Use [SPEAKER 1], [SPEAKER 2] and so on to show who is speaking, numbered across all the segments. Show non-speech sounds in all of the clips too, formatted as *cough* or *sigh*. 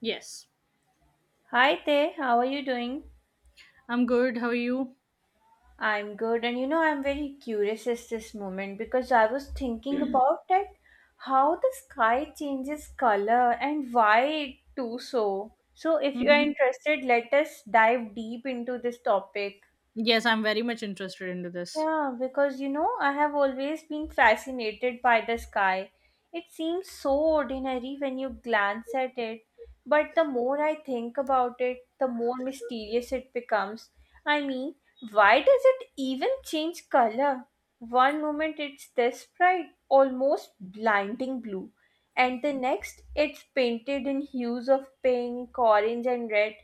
[SPEAKER 1] Yes,
[SPEAKER 2] Hi there, how are you doing?
[SPEAKER 1] I'm good. How are you?
[SPEAKER 2] I'm good, and you know, I'm very curious at this moment because I was thinking about that how the sky changes color and why it do so. So, if you are
[SPEAKER 1] hmm
[SPEAKER 2] interested, let us dive deep into this topic.
[SPEAKER 1] Yes, I'm very much interested into this.
[SPEAKER 2] Yeah, because you know, I have always been fascinated by the sky. It seems so ordinary when you glance at it, but the more I think about it, the more mysterious it becomes. I mean, why does it even change color? One moment it's this bright, almost blinding blue, and the next it's painted in hues of pink, orange, and red,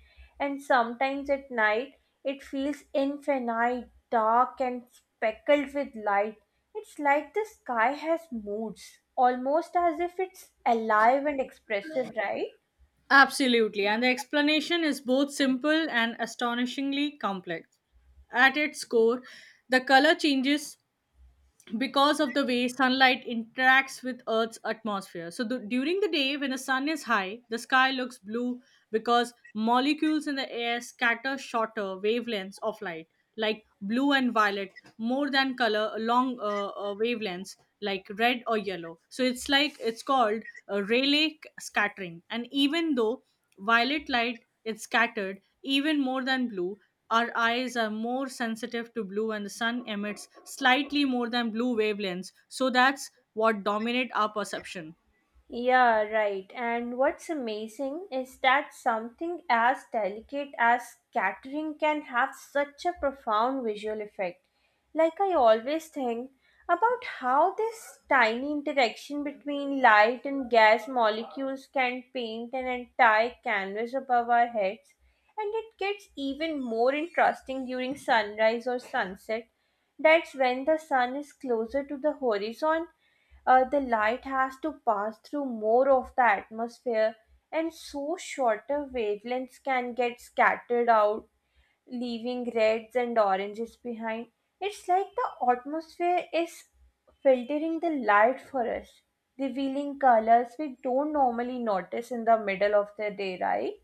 [SPEAKER 2] and sometimes at night it feels infinite, dark and speckled with light. It's like the sky has moods, almost as if it's alive and expressive, right?
[SPEAKER 1] Absolutely, and the explanation is both simple and astonishingly complex. At its core, the color changes because of the way sunlight interacts with Earth's atmosphere. So, during the day, when the sun is high, the sky looks blue because molecules in the air scatter shorter wavelengths of light, like blue and violet, more than color along wavelengths like red or yellow. So, it's like it's called Rayleigh scattering. And even though violet light is scattered even more than blue, our eyes are more sensitive to blue and the sun emits slightly more than blue wavelengths. So that's what dominate our perception.
[SPEAKER 2] Yeah, right. And what's amazing is that something as delicate as scattering can have such a profound visual effect. Like, I always think about how this tiny interaction between light and gas molecules can paint an entire canvas above our heads. And it gets even more interesting during sunrise or sunset. That's when the sun is closer to the horizon, the light has to pass through more of the atmosphere, and so shorter wavelengths can get scattered out, leaving reds and oranges behind. It's like the atmosphere is filtering the light for us, revealing colors we don't normally notice in the middle of the day, right?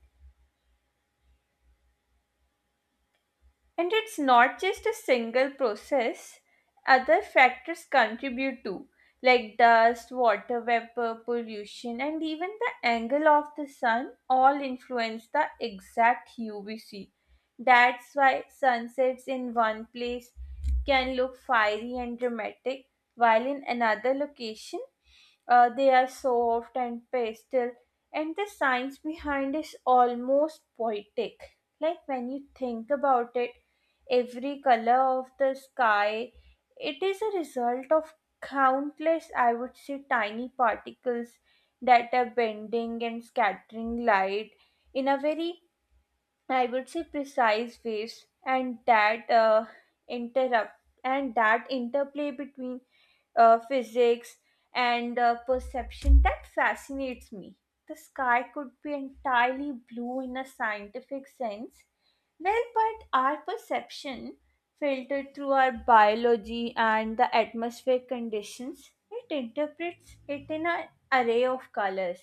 [SPEAKER 2] And it's not just a single process, other factors contribute too, like dust, water vapor, pollution, and even the angle of the sun all influence the exact hue we see. That's why sunsets in one place can look fiery and dramatic, while in another location they are soft and pastel, and the science behind is almost poetic, like when you think about it every color of the sky. It is a result of countless, I would say, tiny particles that are bending and scattering light in a very, I would say, precise waves, and interrupt that interplay between physics and perception that fascinates me. The sky could be entirely blue in a scientific sense, well, but our perception, filtered through our biology and the atmospheric conditions, it interprets it in an array of colors.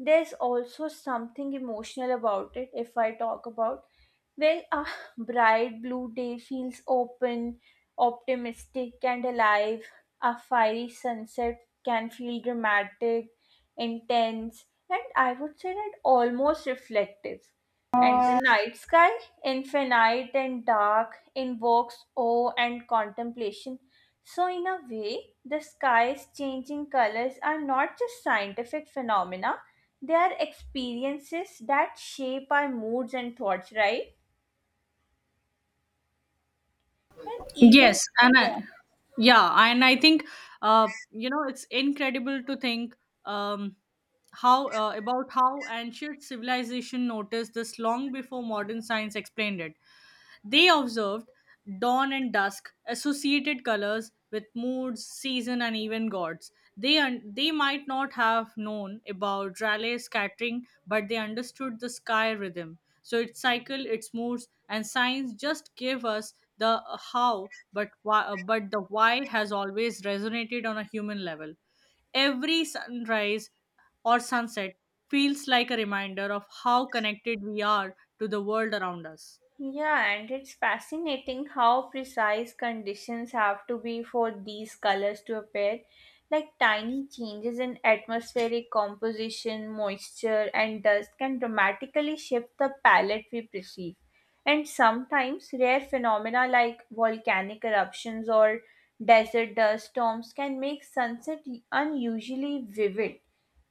[SPEAKER 2] There's also something emotional about it. If I talk about, well, a *sighs* bright blue day feels open, optimistic and alive, a fiery sunset can feel dramatic, intense, and I would say that almost reflective, and the night sky, infinite and dark, invokes awe and contemplation. So, in a way, the sky's changing colors are not just scientific phenomena, they are experiences that shape our moods and thoughts, right? And even.
[SPEAKER 1] Yes, and
[SPEAKER 2] Yeah.
[SPEAKER 1] I, yeah, and I think, you know, it's incredible to think, um, how about how ancient civilization noticed this long before modern science explained it. They observed dawn and dusk, associated colors with moods, season, and even gods. They might not have known about Rayleigh scattering, but they understood the sky rhythm. So its cycle, its moods, and signs just give us the how, but the why has always resonated on a human level. Every sunrise or sunset feels like a reminder of how connected we are to the world around us.
[SPEAKER 2] Yeah, and it's fascinating how precise conditions have to be for these colors to appear. Like tiny changes in atmospheric composition, moisture, and dust can dramatically shift the palette we perceive. And sometimes rare phenomena like volcanic eruptions or desert dust storms can make sunset unusually vivid,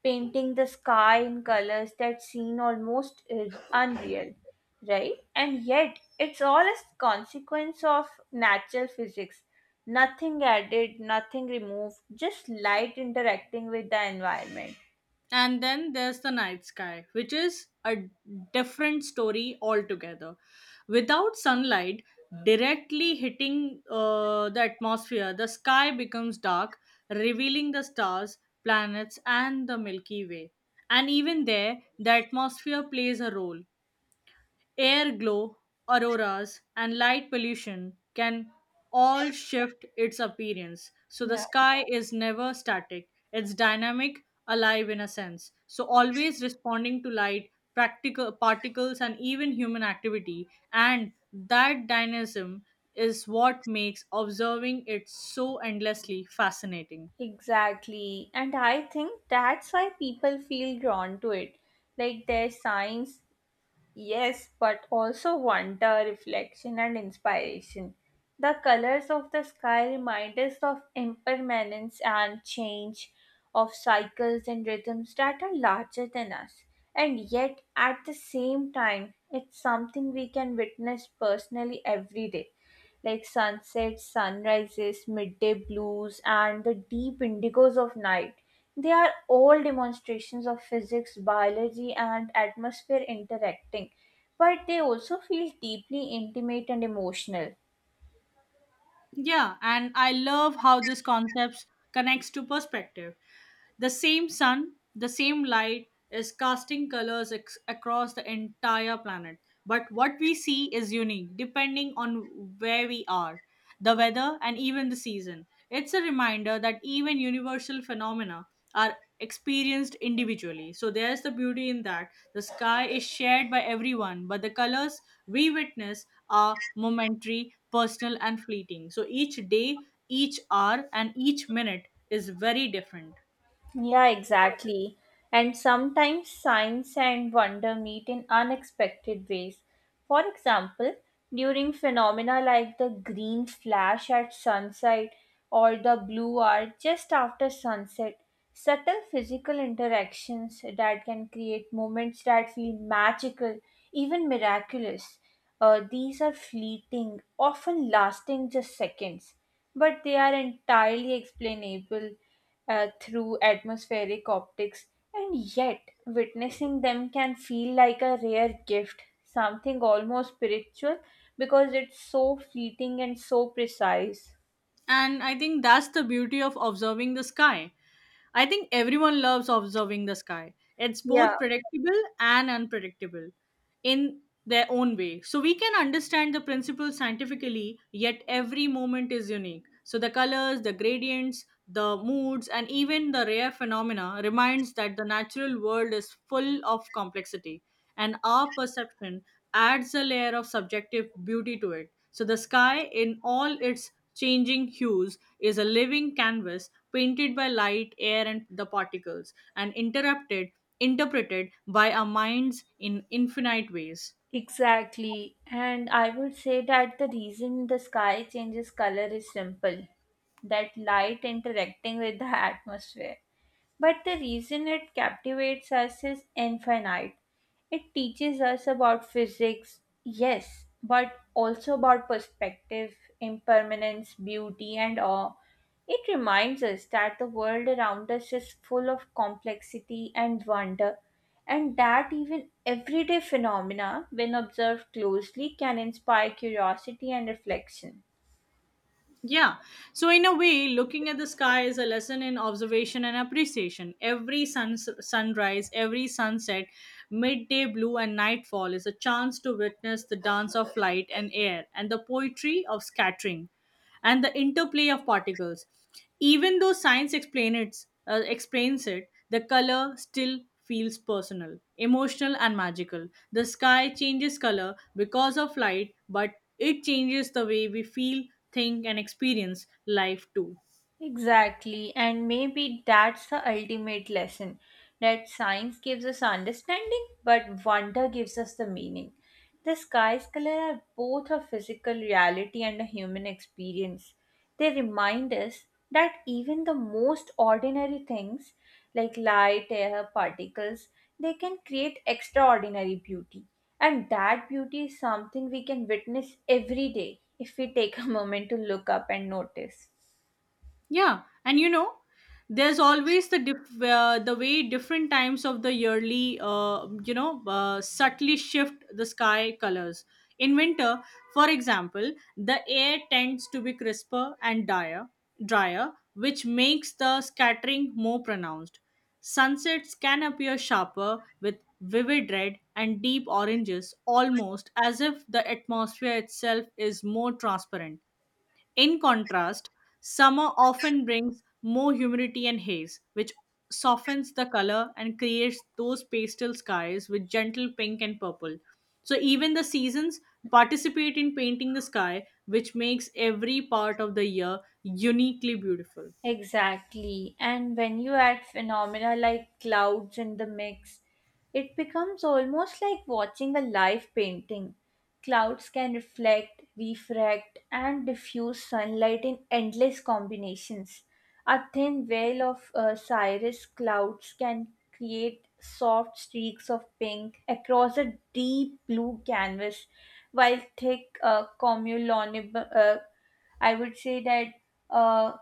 [SPEAKER 2] painting the sky in colors that seem almost unreal, right? And yet, it's all a consequence of natural physics. Nothing added, nothing removed, just light interacting with the environment.
[SPEAKER 1] And then there's the night sky, which is a different story altogether. Without sunlight directly hitting the atmosphere, the sky becomes dark, revealing the stars, planets, and the Milky Way. And even there, the atmosphere plays a role. Air glow, auroras, and light pollution can all shift its appearance. So the
[SPEAKER 2] Yeah,
[SPEAKER 1] sky is never static, it's dynamic, alive in a sense. So always responding to light, practical particles, and even human activity. And that dynamism is what makes observing it so endlessly fascinating.
[SPEAKER 2] exactly. And I think that's why people feel drawn to it. Like there's science. Yes, but also wonder, reflection, and inspiration. The colors of the sky remind us of impermanence and change, of cycles and rhythms that are larger than us. And yet, at the same time, it's something we can witness personally every day, like sunsets, sunrises, midday blues, and the deep indigos of night. They are all demonstrations of physics, biology, and atmosphere interacting, but they also feel deeply intimate and emotional.
[SPEAKER 1] Yeah, and I love how this concept connects to perspective. The same sun, the same light is casting colors across the entire planet. But what we see is unique depending on where we are, the weather, and even the season. It's a reminder that even universal phenomena are experienced individually. So there's the beauty in that. The sky is shared by everyone, but the colors we witness are momentary, personal, and fleeting. So each day, each hour, and each minute is very different.
[SPEAKER 2] Yeah, exactly. And sometimes science and wonder meet in unexpected ways. For example, during phenomena like the green flash at sunset or the blue hour just after sunset, subtle physical interactions that can create moments that feel magical, even miraculous. These are fleeting, often lasting just seconds, but they are entirely explainable through atmospheric optics, and yet witnessing them can feel like a rare gift, something almost spiritual because it's so fleeting and so precise.
[SPEAKER 1] And I think that's the beauty of observing the sky. I think everyone loves observing the sky. It's
[SPEAKER 2] Yeah,
[SPEAKER 1] both predictable and unpredictable in their own way. So we can understand the principle scientifically, yet every moment is unique. So the colors, the gradients, the moods, and even the rare phenomena reminds that the natural world is full of complexity, and our perception adds a layer of subjective beauty to it. So the sky, in all its changing hues, is a living canvas painted by light, air, and the particles, and interrupted, interpreted by our minds in infinite ways.
[SPEAKER 2] exactly. And I would say that the reason the sky changes color is simple, that light interacting with the atmosphere. But the reason it captivates us is infinite. It teaches us about physics, yes, but also about perspective, impermanence, beauty, and awe. It reminds us that the world around us is full of complexity and wonder, and that even everyday phenomena, when observed closely, can inspire curiosity and reflection.
[SPEAKER 1] Yeah. So, in a way, looking at the sky is a lesson in observation and appreciation. Every sun, sunrise, every sunset, midday blue, and nightfall is a chance to witness the dance of light and air and the poetry of scattering, and the interplay of particles. Even though explains it, the color still feels personal, emotional, and magical. The sky changes color because of light, but it changes the way we feel, think, and experience life too.
[SPEAKER 2] Exactly, and maybe that's the ultimate lesson, that science gives us understanding, but wonder gives us the meaning. The sky's color are both a physical reality and a human experience. They remind us that even the most ordinary things, like light, air, particles, they can create extraordinary beauty. And that beauty is something we can witness every day if we take a *laughs* moment to look up and notice.
[SPEAKER 1] Yeah, and you know, there's always the the way different times of the yearly, you know, subtly shift the sky colors. In winter, for example, the air tends to be crisper and drier, which makes the scattering more pronounced. Sunsets can appear sharper with vivid red and deep oranges, almost as if the atmosphere itself is more transparent. In contrast, summer often brings more humidity and haze, which softens the color and creates those pastel skies with gentle pink and purple. So, even the seasons participate in painting the sky, which makes every part of the year uniquely beautiful.
[SPEAKER 2] Exactly. And when you add phenomena like clouds in the mix, it becomes almost like watching a live painting. Clouds can reflect, refract, and diffuse sunlight in endless combinations. A thin veil of cirrus clouds can create soft streaks of pink across a deep blue canvas, while thick cumulonimbus, I would say that. Uh,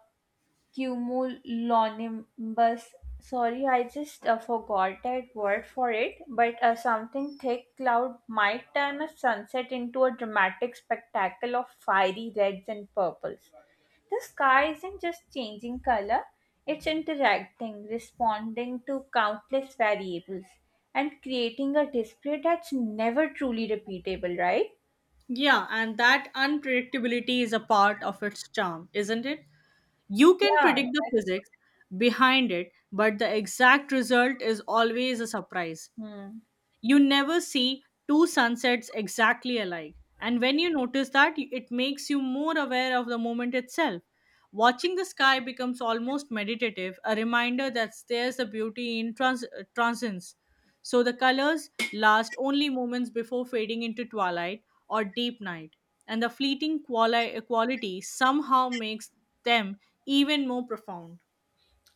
[SPEAKER 2] cumulonimbus. Sorry, I just forgot that word for it, but something thick cloud might turn a sunset into a dramatic spectacle of fiery reds and purples. The sky isn't just changing color, it's interacting, responding to countless variables, and creating a display that's never truly repeatable, right?
[SPEAKER 1] Yeah, and that unpredictability is a part of its charm, isn't it? You can
[SPEAKER 2] Yeah,
[SPEAKER 1] predict the
[SPEAKER 2] exactly.
[SPEAKER 1] physics behind it, but the exact result is always a surprise.
[SPEAKER 2] Hmm.
[SPEAKER 1] You never see two sunsets exactly alike. And when you notice that, it makes you more aware of the moment itself. Watching the sky becomes almost meditative, a reminder that there's a beauty in transience. So the colors last only moments before fading into twilight or deep night, and the quality somehow makes them even more profound.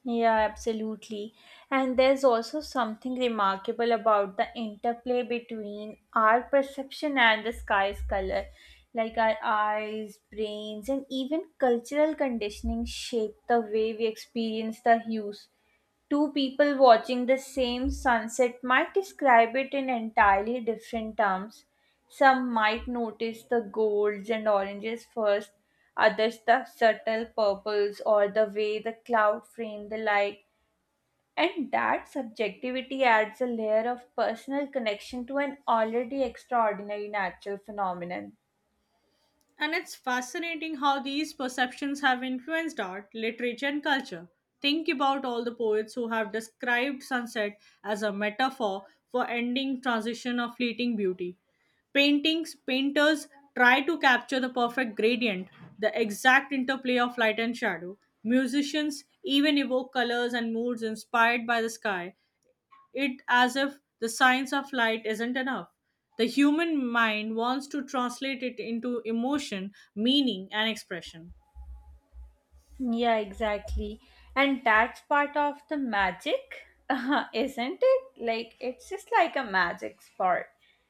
[SPEAKER 2] Yeah, absolutely. And there's also something remarkable about the interplay between our perception and the sky's color. Like our eyes, brains, and even cultural conditioning shape the way we experience the hues. Two people watching the same sunset might describe it in entirely different terms. Some might notice the golds and oranges first, others the subtle purples or the way the cloud framed the light. And that subjectivity adds a layer of personal connection to an already extraordinary natural phenomenon.
[SPEAKER 1] And it's fascinating how these perceptions have influenced art, literature, and culture. Think about all the poets who have described sunset as a metaphor for ending transition or fleeting beauty. Paintings, painters try to capture the perfect gradient, the exact interplay of light and shadow. Musicians even evoke colors and moods inspired by the sky, it as if the science of light isn't enough. The human mind wants to translate it into emotion, meaning, and expression.
[SPEAKER 2] Yeah, exactly. And that's part of the magic, *laughs* isn't it? Like, it's just like a magic spot.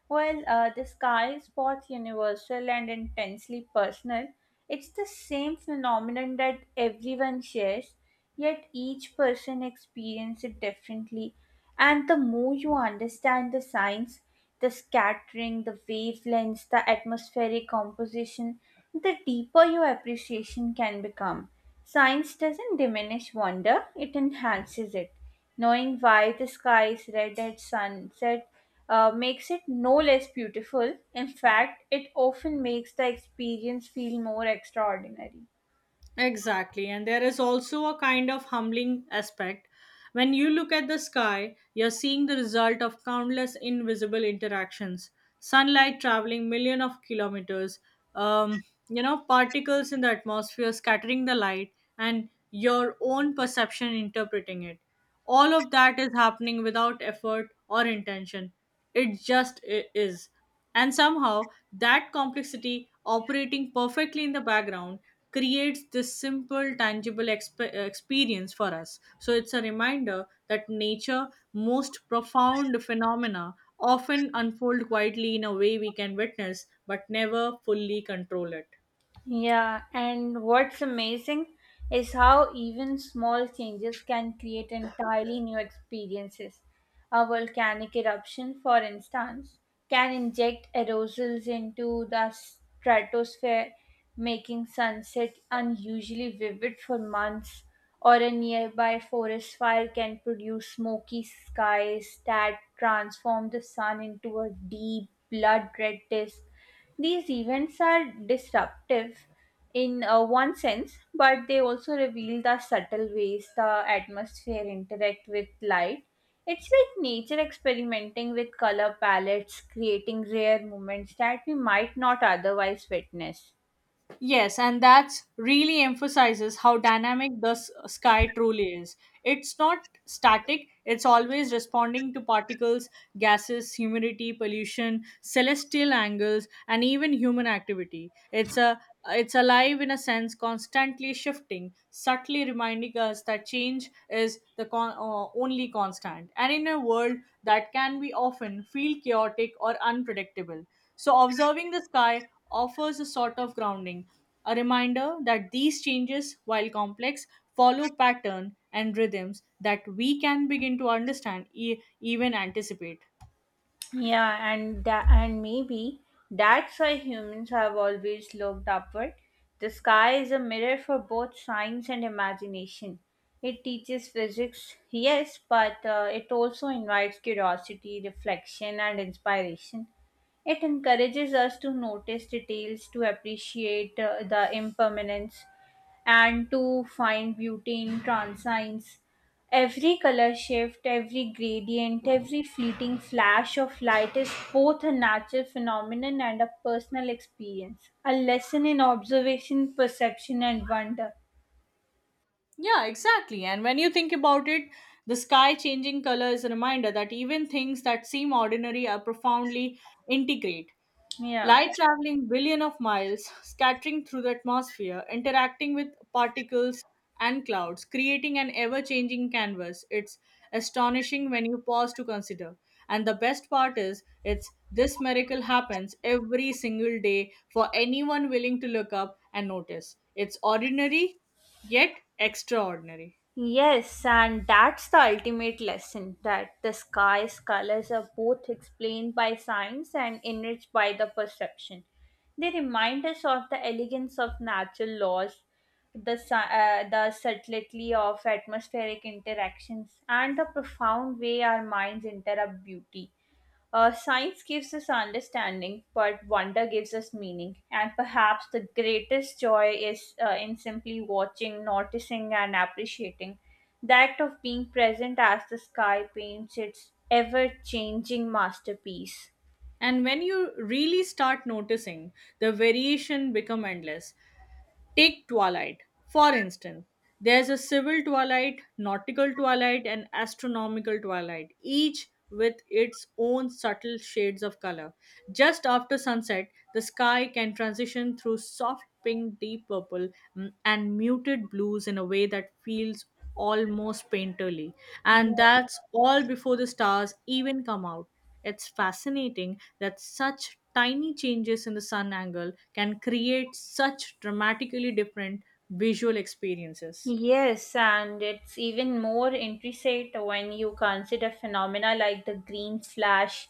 [SPEAKER 2] While the sky is both universal and intensely personal, it's the same phenomenon that everyone shares, yet each person experiences it differently. And the more you understand the science, the scattering, the wavelengths, the atmospheric composition, the deeper your appreciation can become. Science doesn't diminish wonder, it enhances it. Knowing why the sky is red at sunset makes it no less beautiful. In fact, it often makes the experience feel more extraordinary.
[SPEAKER 1] Exactly. And there is also a kind of humbling aspect. When you look at the sky, you're seeing the result of countless invisible interactions. Sunlight traveling millions of kilometers, you know, particles in the atmosphere scattering the light, and your own perception interpreting it. All of that is happening without effort or intention. It just is. And somehow, that complexity operating perfectly in the background creates this simple tangible experience for us, so it's a reminder that nature most profound phenomena often unfold quietly in a way we can witness but never fully control it.
[SPEAKER 2] Yeah, and what's amazing is how even small changes can create entirely new experiences. A volcanic eruption, for instance, can inject aerosols into the stratosphere, making sunset unusually vivid for months, or a nearby forest fire can produce smoky skies that transform the sun into a deep blood red disk. These events are disruptive in one sense, but they also reveal the subtle ways the atmosphere interact with light. It's like nature experimenting with color palettes, creating rare moments that we might not otherwise witness.
[SPEAKER 1] Yes, and that's really emphasizes how dynamic the sky truly is. It's not static, it's always responding to particles, gases, humidity, pollution, celestial angles, and even human activity. It's alive in a sense, constantly shifting, subtly reminding us that change is the only constant. And in a world that can be often feel chaotic or unpredictable. So, observing the sky offers a sort of grounding, a reminder that these changes, while complex, follow pattern and rhythms that we can begin to understand, even anticipate.
[SPEAKER 2] Yeah, and that, and maybe that's why humans have always looked upward. The sky is a mirror for both science and imagination. It teaches physics, yes, but it also invites curiosity, reflection, and inspiration. It encourages us to notice details, to appreciate the impermanence, and to find beauty in transience. Every color shift, every gradient, every fleeting flash of light is both a natural phenomenon and a personal experience, a lesson in observation, perception, and wonder.
[SPEAKER 1] Yeah, exactly. And when you think about it, the sky changing color is a reminder that even things that seem ordinary are profoundly integrate.
[SPEAKER 2] Yeah.
[SPEAKER 1] Light traveling billion of miles, scattering through the atmosphere, interacting with particles and clouds, creating an ever changing canvas. It's astonishing when you pause to consider. And the best part is, it's this miracle happens every single day for anyone willing to look up and notice. It's ordinary, yet extraordinary.
[SPEAKER 2] Yes, and that's the ultimate lesson, that the sky's colors are both explained by science and enriched by the perception. They remind us of the elegance of natural laws, the subtlety of atmospheric interactions, and the profound way our minds interrupt beauty. Science gives us understanding, but wonder gives us meaning. And perhaps the greatest joy is in simply watching, noticing, and appreciating. The act of being present as the sky paints its ever changing masterpiece.
[SPEAKER 1] And when you really start noticing, the variation become endless. Take twilight, for instance. There's a civil twilight, nautical twilight, and astronomical twilight, each with its own subtle shades of color. Just after sunset, the sky can transition through soft pink, deep purple, and muted blues in a way that feels almost painterly.
[SPEAKER 2] Yeah.
[SPEAKER 1] And that's all before the stars even come out. It's fascinating that such tiny changes in the sun angle can create such dramatically different visual experiences.
[SPEAKER 2] Yes, and it's even more intricate when you consider phenomena like the green flash.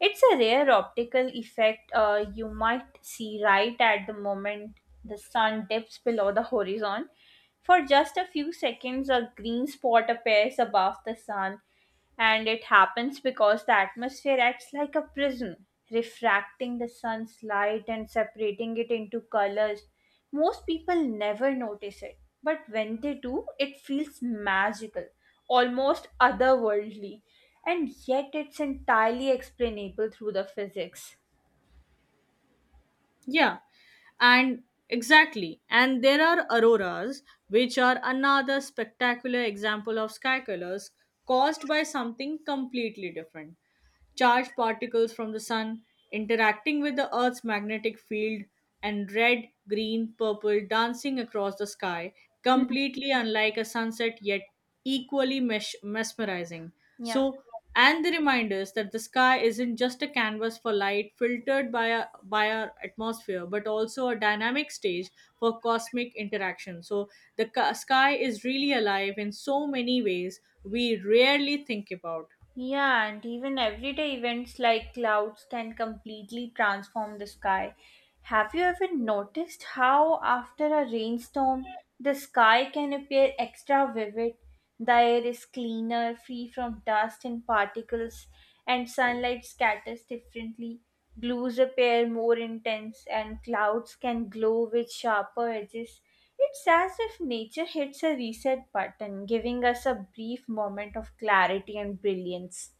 [SPEAKER 2] It's a rare optical effect you might see right at the moment the sun dips below the horizon. For just a few seconds, a green spot appears above the sun, and it happens because the atmosphere acts like a prism, refracting the sun's light and separating it into colors. Most people never notice it, but when they do, it feels magical, almost otherworldly, and yet it's entirely explainable through the physics.
[SPEAKER 1] Yeah, and Exactly. And there are auroras, which are another spectacular example of sky colors caused by something completely different. Charged particles from the sun interacting with the Earth's magnetic field, and red, green, purple dancing across the sky, completely unlike a sunset yet equally mesmerizing.
[SPEAKER 2] Yeah.
[SPEAKER 1] So, and the reminders that the sky isn't just a canvas for light filtered by our atmosphere, but also a dynamic stage for cosmic interaction. So, the sky is really alive in so many ways we rarely think about.
[SPEAKER 2] Yeah, and even everyday events like clouds can completely transform the sky. Have you ever noticed how, after a rainstorm, the sky can appear extra vivid? The air is cleaner, free from dust and particles, and sunlight scatters differently. Blues appear more intense, and clouds can glow with sharper edges. It's as if nature hits a reset button, giving us a brief moment of clarity and brilliance,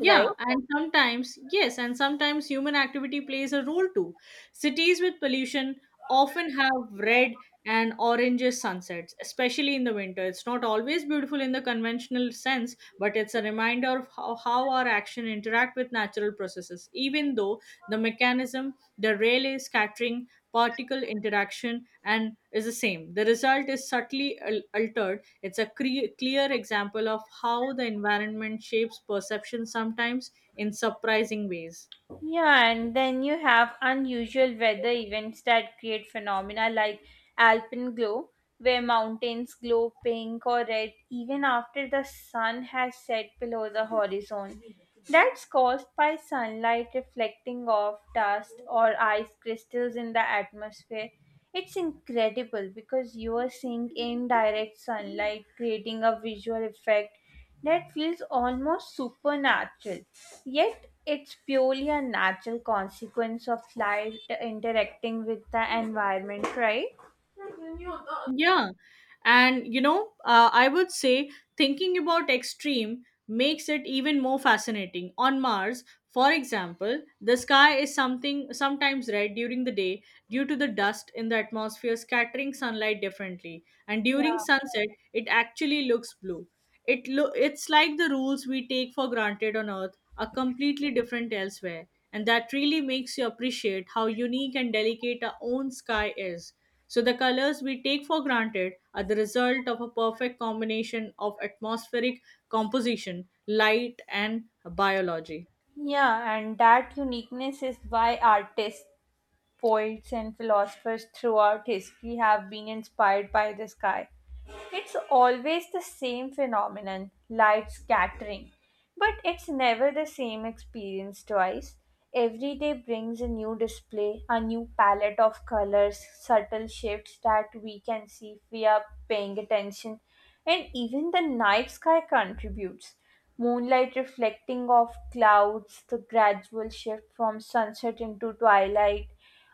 [SPEAKER 2] right?
[SPEAKER 1] and sometimes, yes, and sometimes human activity plays a role too. Cities with pollution often have red and oranges sunsets, especially in the winter. It's not always beautiful in the conventional sense, but it's a reminder of how our action interact with natural processes. Even though the mechanism, the rail scattering particle interaction and is the same. The result is subtly altered. It's a clear example of how the environment shapes perception sometimes in surprising ways.
[SPEAKER 2] Yeah, and then you have unusual weather events that create phenomena like alpenglow, where mountains glow pink or red even after the sun has set below the horizon. That's caused by sunlight reflecting off dust or ice crystals in the atmosphere. It's incredible because you are seeing indirect sunlight creating a visual effect that feels almost supernatural. Yet it's purely a natural consequence of light interacting with the environment, right?
[SPEAKER 1] Yeah. And, you know, I would say thinking about extreme makes it even more fascinating. On Mars, for example, the sky is something sometimes red during the day due to the dust in the atmosphere scattering sunlight differently. And during
[SPEAKER 2] Yeah.
[SPEAKER 1] sunset, it actually looks blue. It's like the rules we take for granted on Earth are completely different elsewhere. And that really makes you appreciate how unique and delicate our own sky is, so the colors we take for granted are the result of a perfect combination of atmospheric composition, light, and biology.
[SPEAKER 2] Yeah, and that uniqueness is why artists, poets, and philosophers throughout history have been inspired by the sky. It's always the same phenomenon, light scattering. But it's never the same experience twice. Every day brings a new display, a new palette of colors, subtle shifts that we can see if we are paying attention. And even the night sky contributes. Moonlight reflecting off clouds, the gradual shift from sunset into twilight,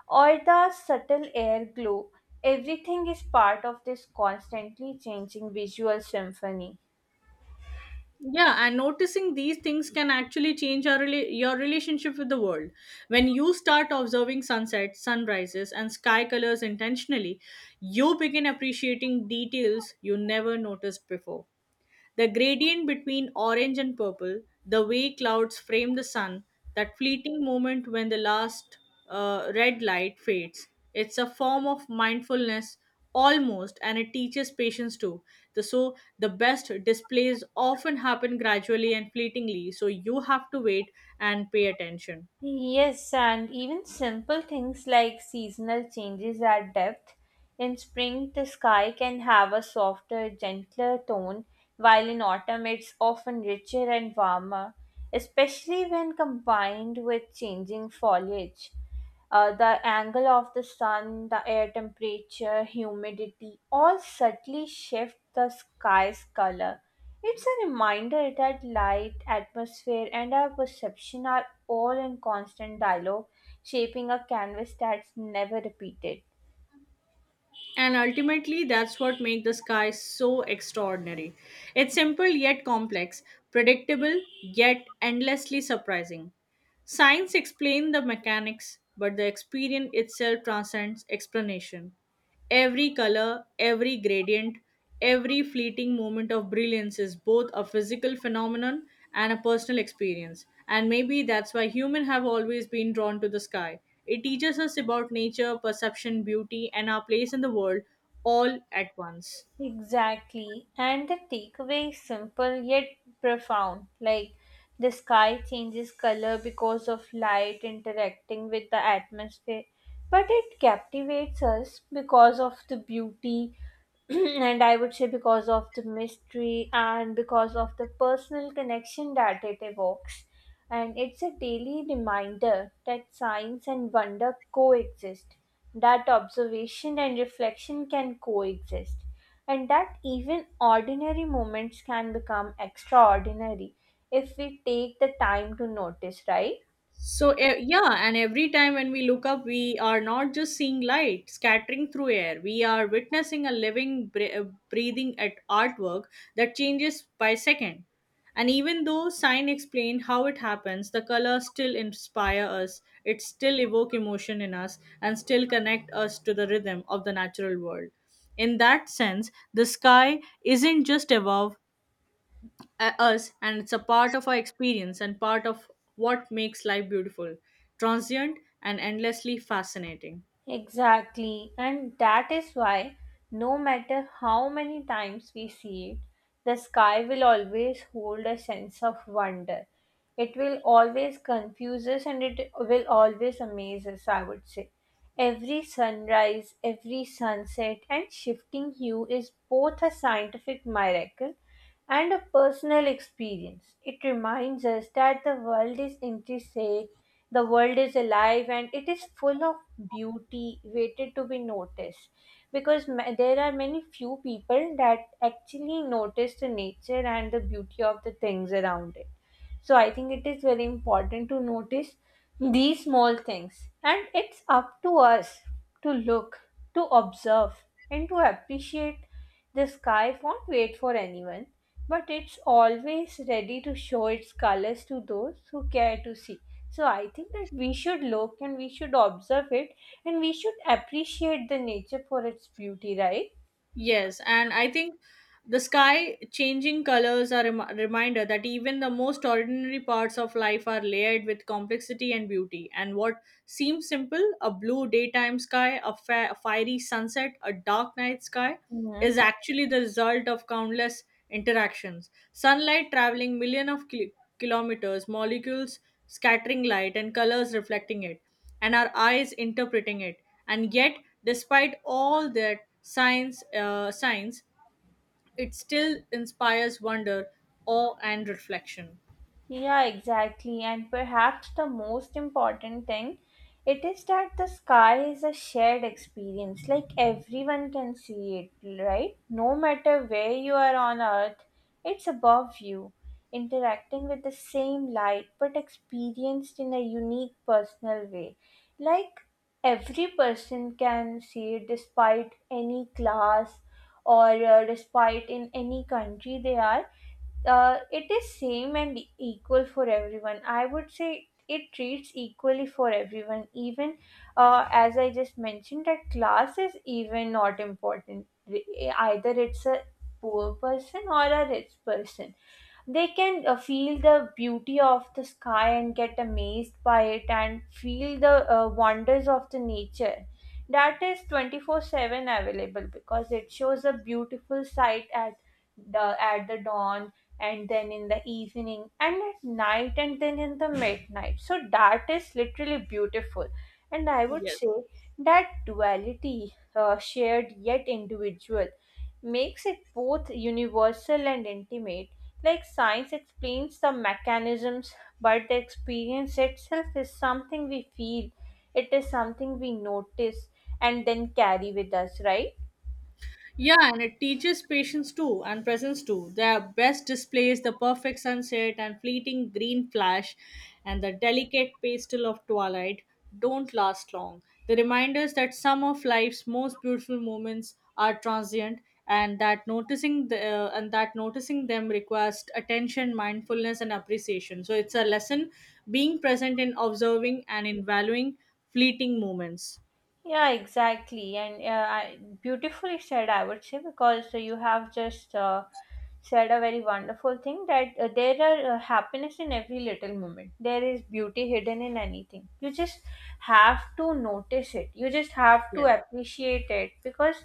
[SPEAKER 2] or the subtle air glow. Everything is part of this constantly changing visual symphony.
[SPEAKER 1] Yeah, and noticing these things can actually change your relationship with the world. When you start observing sunsets, sunrises, and sky colors intentionally, you begin appreciating details you never noticed before. The gradient between orange and purple, the way clouds frame the sun, that fleeting moment when the last red light fades. It's a form of mindfulness almost, and it teaches patience too. The best displays often happen gradually and fleetingly, so you have to wait and pay attention.
[SPEAKER 2] Yes, and even simple things like seasonal changes add depth. In spring, the sky can have a softer, gentler tone, while in autumn, it's often richer and warmer, especially when combined with changing foliage. The angle of the sun, the air temperature, humidity all subtly shift the sky's color. It's a reminder that light, atmosphere, and our perception are all in constant dialogue, shaping a canvas that's never repeated.
[SPEAKER 1] And ultimately, that's what makes the sky so extraordinary. It's simple yet complex, predictable yet endlessly surprising. Science explains the mechanics, but the experience itself transcends explanation. Every color, every gradient, every fleeting moment of brilliance is both a physical phenomenon and a personal experience. And maybe that's why humans have always been drawn to the sky. It teaches us about nature, perception, beauty, and our place in the world all at once.
[SPEAKER 2] Exactly. And the takeaway is simple yet profound. Like, the sky changes color because of light interacting with the atmosphere, but it captivates us because of the beauty *clears throat* and I would say because of the mystery and because of the personal connection that it evokes. And it's a daily reminder that science and wonder coexist, that observation and reflection can coexist, and that even ordinary moments can become extraordinary if we take the time to notice, right?
[SPEAKER 1] Yeah, and every time when we look up, we are not just seeing light scattering through air. We are witnessing a living, breathing at artwork that changes by second. And even though sign explained how it happens, the color still inspire us. It still evoke emotion in us and still connect us to the rhythm of the natural world. In that sense, the sky isn't just above us, and it's a part of our experience and part of what makes life beautiful, transient, and endlessly fascinating.
[SPEAKER 2] Exactly, and that is why no matter how many times we see it, the sky will always hold a sense of wonder. It will always confuse us and it will always amaze us, I would say. Every sunrise, every sunset, and shifting hue is both a scientific miracle and a personal experience. It reminds us that the world is intricate, the world is alive and it is full of beauty waited to be noticed, because there are many few people that actually notice the nature and the beauty of the things around it, so I think it is very important to notice these small things. And it's up to us to look, to observe, and to appreciate. The sky won't wait for anyone, but it's always ready to show its colors to those who care to see. So I think that we should look and we should observe it and we should appreciate the nature for its beauty, right?
[SPEAKER 1] Yes, and I think the sky changing colors are a reminder that even the most ordinary parts of life are layered with complexity and beauty. And what seems simple, a blue daytime sky, a fiery sunset, a dark night sky, is
[SPEAKER 2] Mhm.
[SPEAKER 1] actually the result of countless interactions. Sunlight traveling millions of kilometers, molecules scattering light, and colors reflecting it, and our eyes interpreting it. And yet, despite all that, science, it still inspires wonder, awe, and reflection.
[SPEAKER 2] Yeah, exactly. And perhaps the most important thing, it is that the sky is a shared experience. Like, everyone can see it, right? No matter where you are on Earth, it's above you, interacting with the same light but experienced in a unique personal way. Like, every person can see it despite any class, or despite in any country they are. It is same and equal for everyone, I would say. It treats equally for everyone, even, as I just mentioned, that class is even not important. Either it's a poor person or a rich person, they can, feel the beauty of the sky and get amazed by it and feel the wonders of the nature, that is 24/7 available because it shows a beautiful sight at the dawn, and then in the evening and at night and then in the midnight, so that is literally beautiful. And I would
[SPEAKER 1] Yes.
[SPEAKER 2] say that duality, shared yet individual, makes it both universal and intimate. Like, science explains the mechanisms, but the experience itself is something we feel. It is something we notice and then carry with us, right?
[SPEAKER 1] Yeah, and it teaches patience too and presence too. Their best displays, the perfect sunset and fleeting green flash and the delicate pastel of twilight, don't last long. They remind us that some of life's most beautiful moments are transient, and that noticing them requires attention, mindfulness, and appreciation. So it's a lesson being present in observing and in valuing fleeting moments.
[SPEAKER 2] Yeah, exactly, and beautifully said, I would say, because you have just said a very wonderful thing that there are, happiness in every little moment. There is beauty hidden in anything. You just have to notice it. You just have to
[SPEAKER 1] Yes.
[SPEAKER 2] appreciate it, because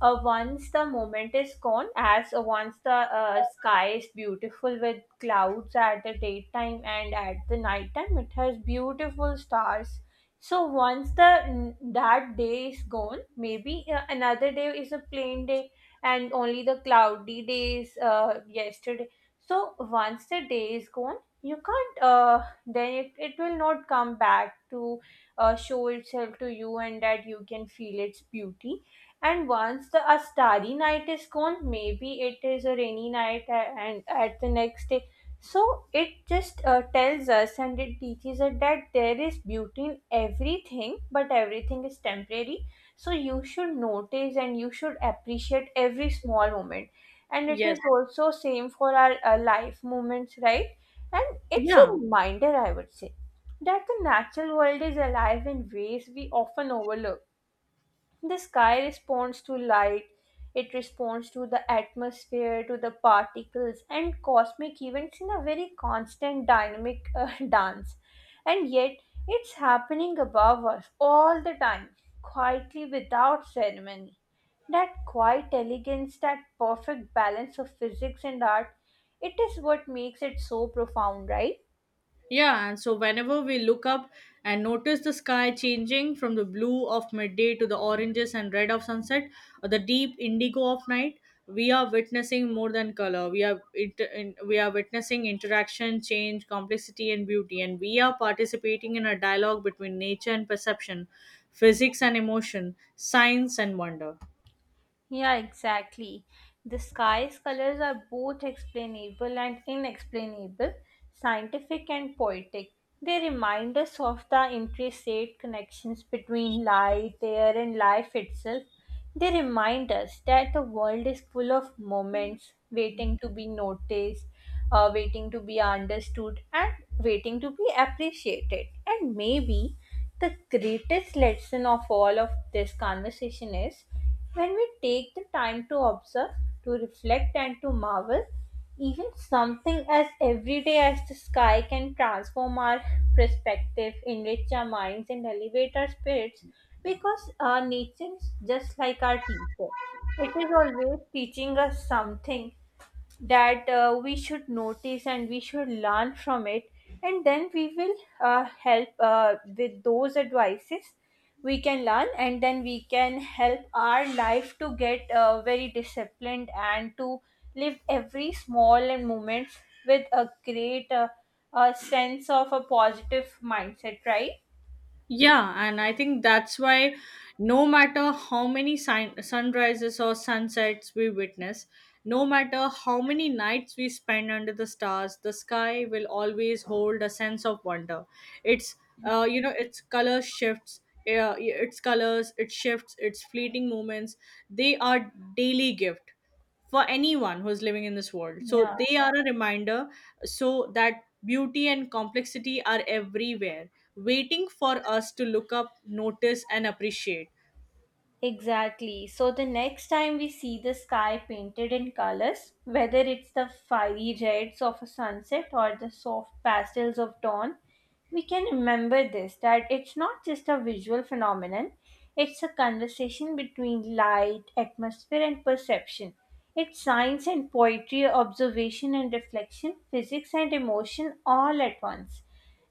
[SPEAKER 2] once the moment is gone, as once the sky is beautiful with clouds at the daytime and at the nighttime, it has beautiful stars. So once the that day is gone, maybe another day is a plain day, and only the cloudy days yesterday. So once the day is gone, you can't, then it will not come back to show itself to you and that you can feel its beauty. And once the a starry night is gone, maybe it is a rainy night and at the next day, so it just tells us and it teaches us that there is beauty in everything, but everything is temporary. So you should notice and you should appreciate every small moment. And it is
[SPEAKER 1] Yes.
[SPEAKER 2] also same for our life moments, right? And it's a
[SPEAKER 1] Yeah.
[SPEAKER 2] reminder, I would say, that the natural world is alive in ways we often overlook. The sky responds to light, it responds to the atmosphere, to the particles, and cosmic events in a very constant dynamic *laughs* dance. And yet, it's happening above us all the time, quietly without ceremony. That quiet elegance, that perfect balance of physics and art, it is what makes it so profound, right?
[SPEAKER 1] Yeah, and so whenever we look up and notice the sky changing from the blue of midday to the oranges and red of sunset or the deep indigo of night, we are witnessing more than color. We are we are witnessing interaction, change, complexity, and beauty, and we are participating in a dialogue between nature and perception, physics and emotion, science and wonder.
[SPEAKER 2] Yeah, exactly. The sky's colors are both explainable and inexplainable, scientific and poetic. They remind us of the intricate connections between light, air, and life itself. They remind us that the world is full of moments waiting to be noticed, waiting to be understood, and waiting to be appreciated. And maybe the greatest lesson of all of this conversation is, when we take the time to observe, to reflect, and to marvel, even something as everyday as the sky can transform our perspective, enrich our minds, and elevate our spirits, because our nature is just like our teacher. It is always teaching us something, that we should notice and we should learn from it, and then we will help with those advices we can learn, and then we can help our life to get very disciplined and to live every small and moments with a great sense of a positive mindset, right?
[SPEAKER 1] Yeah, and I think that's why no matter how many sunrises or sunsets we witness, no matter how many nights we spend under the stars, the sky will always hold a sense of wonder. It's its color shifts, its colors, its shifts, its fleeting moments. They are daily gift for anyone who's living in this world. So
[SPEAKER 2] Yeah.
[SPEAKER 1] they are a reminder so that beauty and complexity are everywhere, waiting for us to look up, notice, and appreciate.
[SPEAKER 2] Exactly. So the next time we see the sky painted in colors, whether it's the fiery reds of a sunset or the soft pastels of dawn, we can remember this, that it's not just a visual phenomenon, it's a conversation between light, atmosphere, and perception. It's science and poetry, observation and reflection, physics and emotion all at once.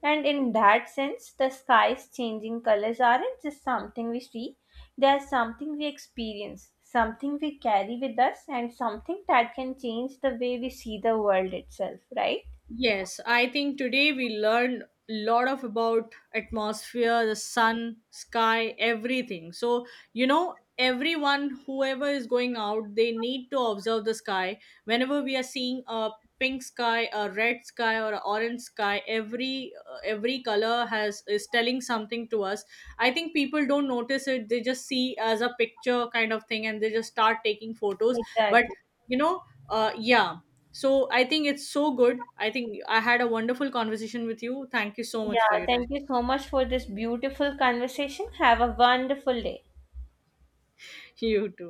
[SPEAKER 2] And in that sense, the sky's changing colors aren't just something we see, they are something we experience, something we carry with us, and something that can change the way we see the world itself, right?
[SPEAKER 1] Yes, I think today we learned a lot of about atmosphere, the sun, sky, everything. So, you know, everyone, whoever is going out, they need to observe the sky. Whenever we are seeing a pink sky, a red sky, or a orange sky, every color has is telling something to us. I think people don't notice it; they just see as a picture kind of thing, and they just start taking photos. But
[SPEAKER 2] Exactly.
[SPEAKER 1] you know uh yeah I think it's so good. I think I had a wonderful conversation with you. Thank you so much for
[SPEAKER 2] Yeah,
[SPEAKER 1] your
[SPEAKER 2] thank
[SPEAKER 1] time.
[SPEAKER 2] you so much for this beautiful conversation. Have a wonderful day.
[SPEAKER 1] *laughs* You too.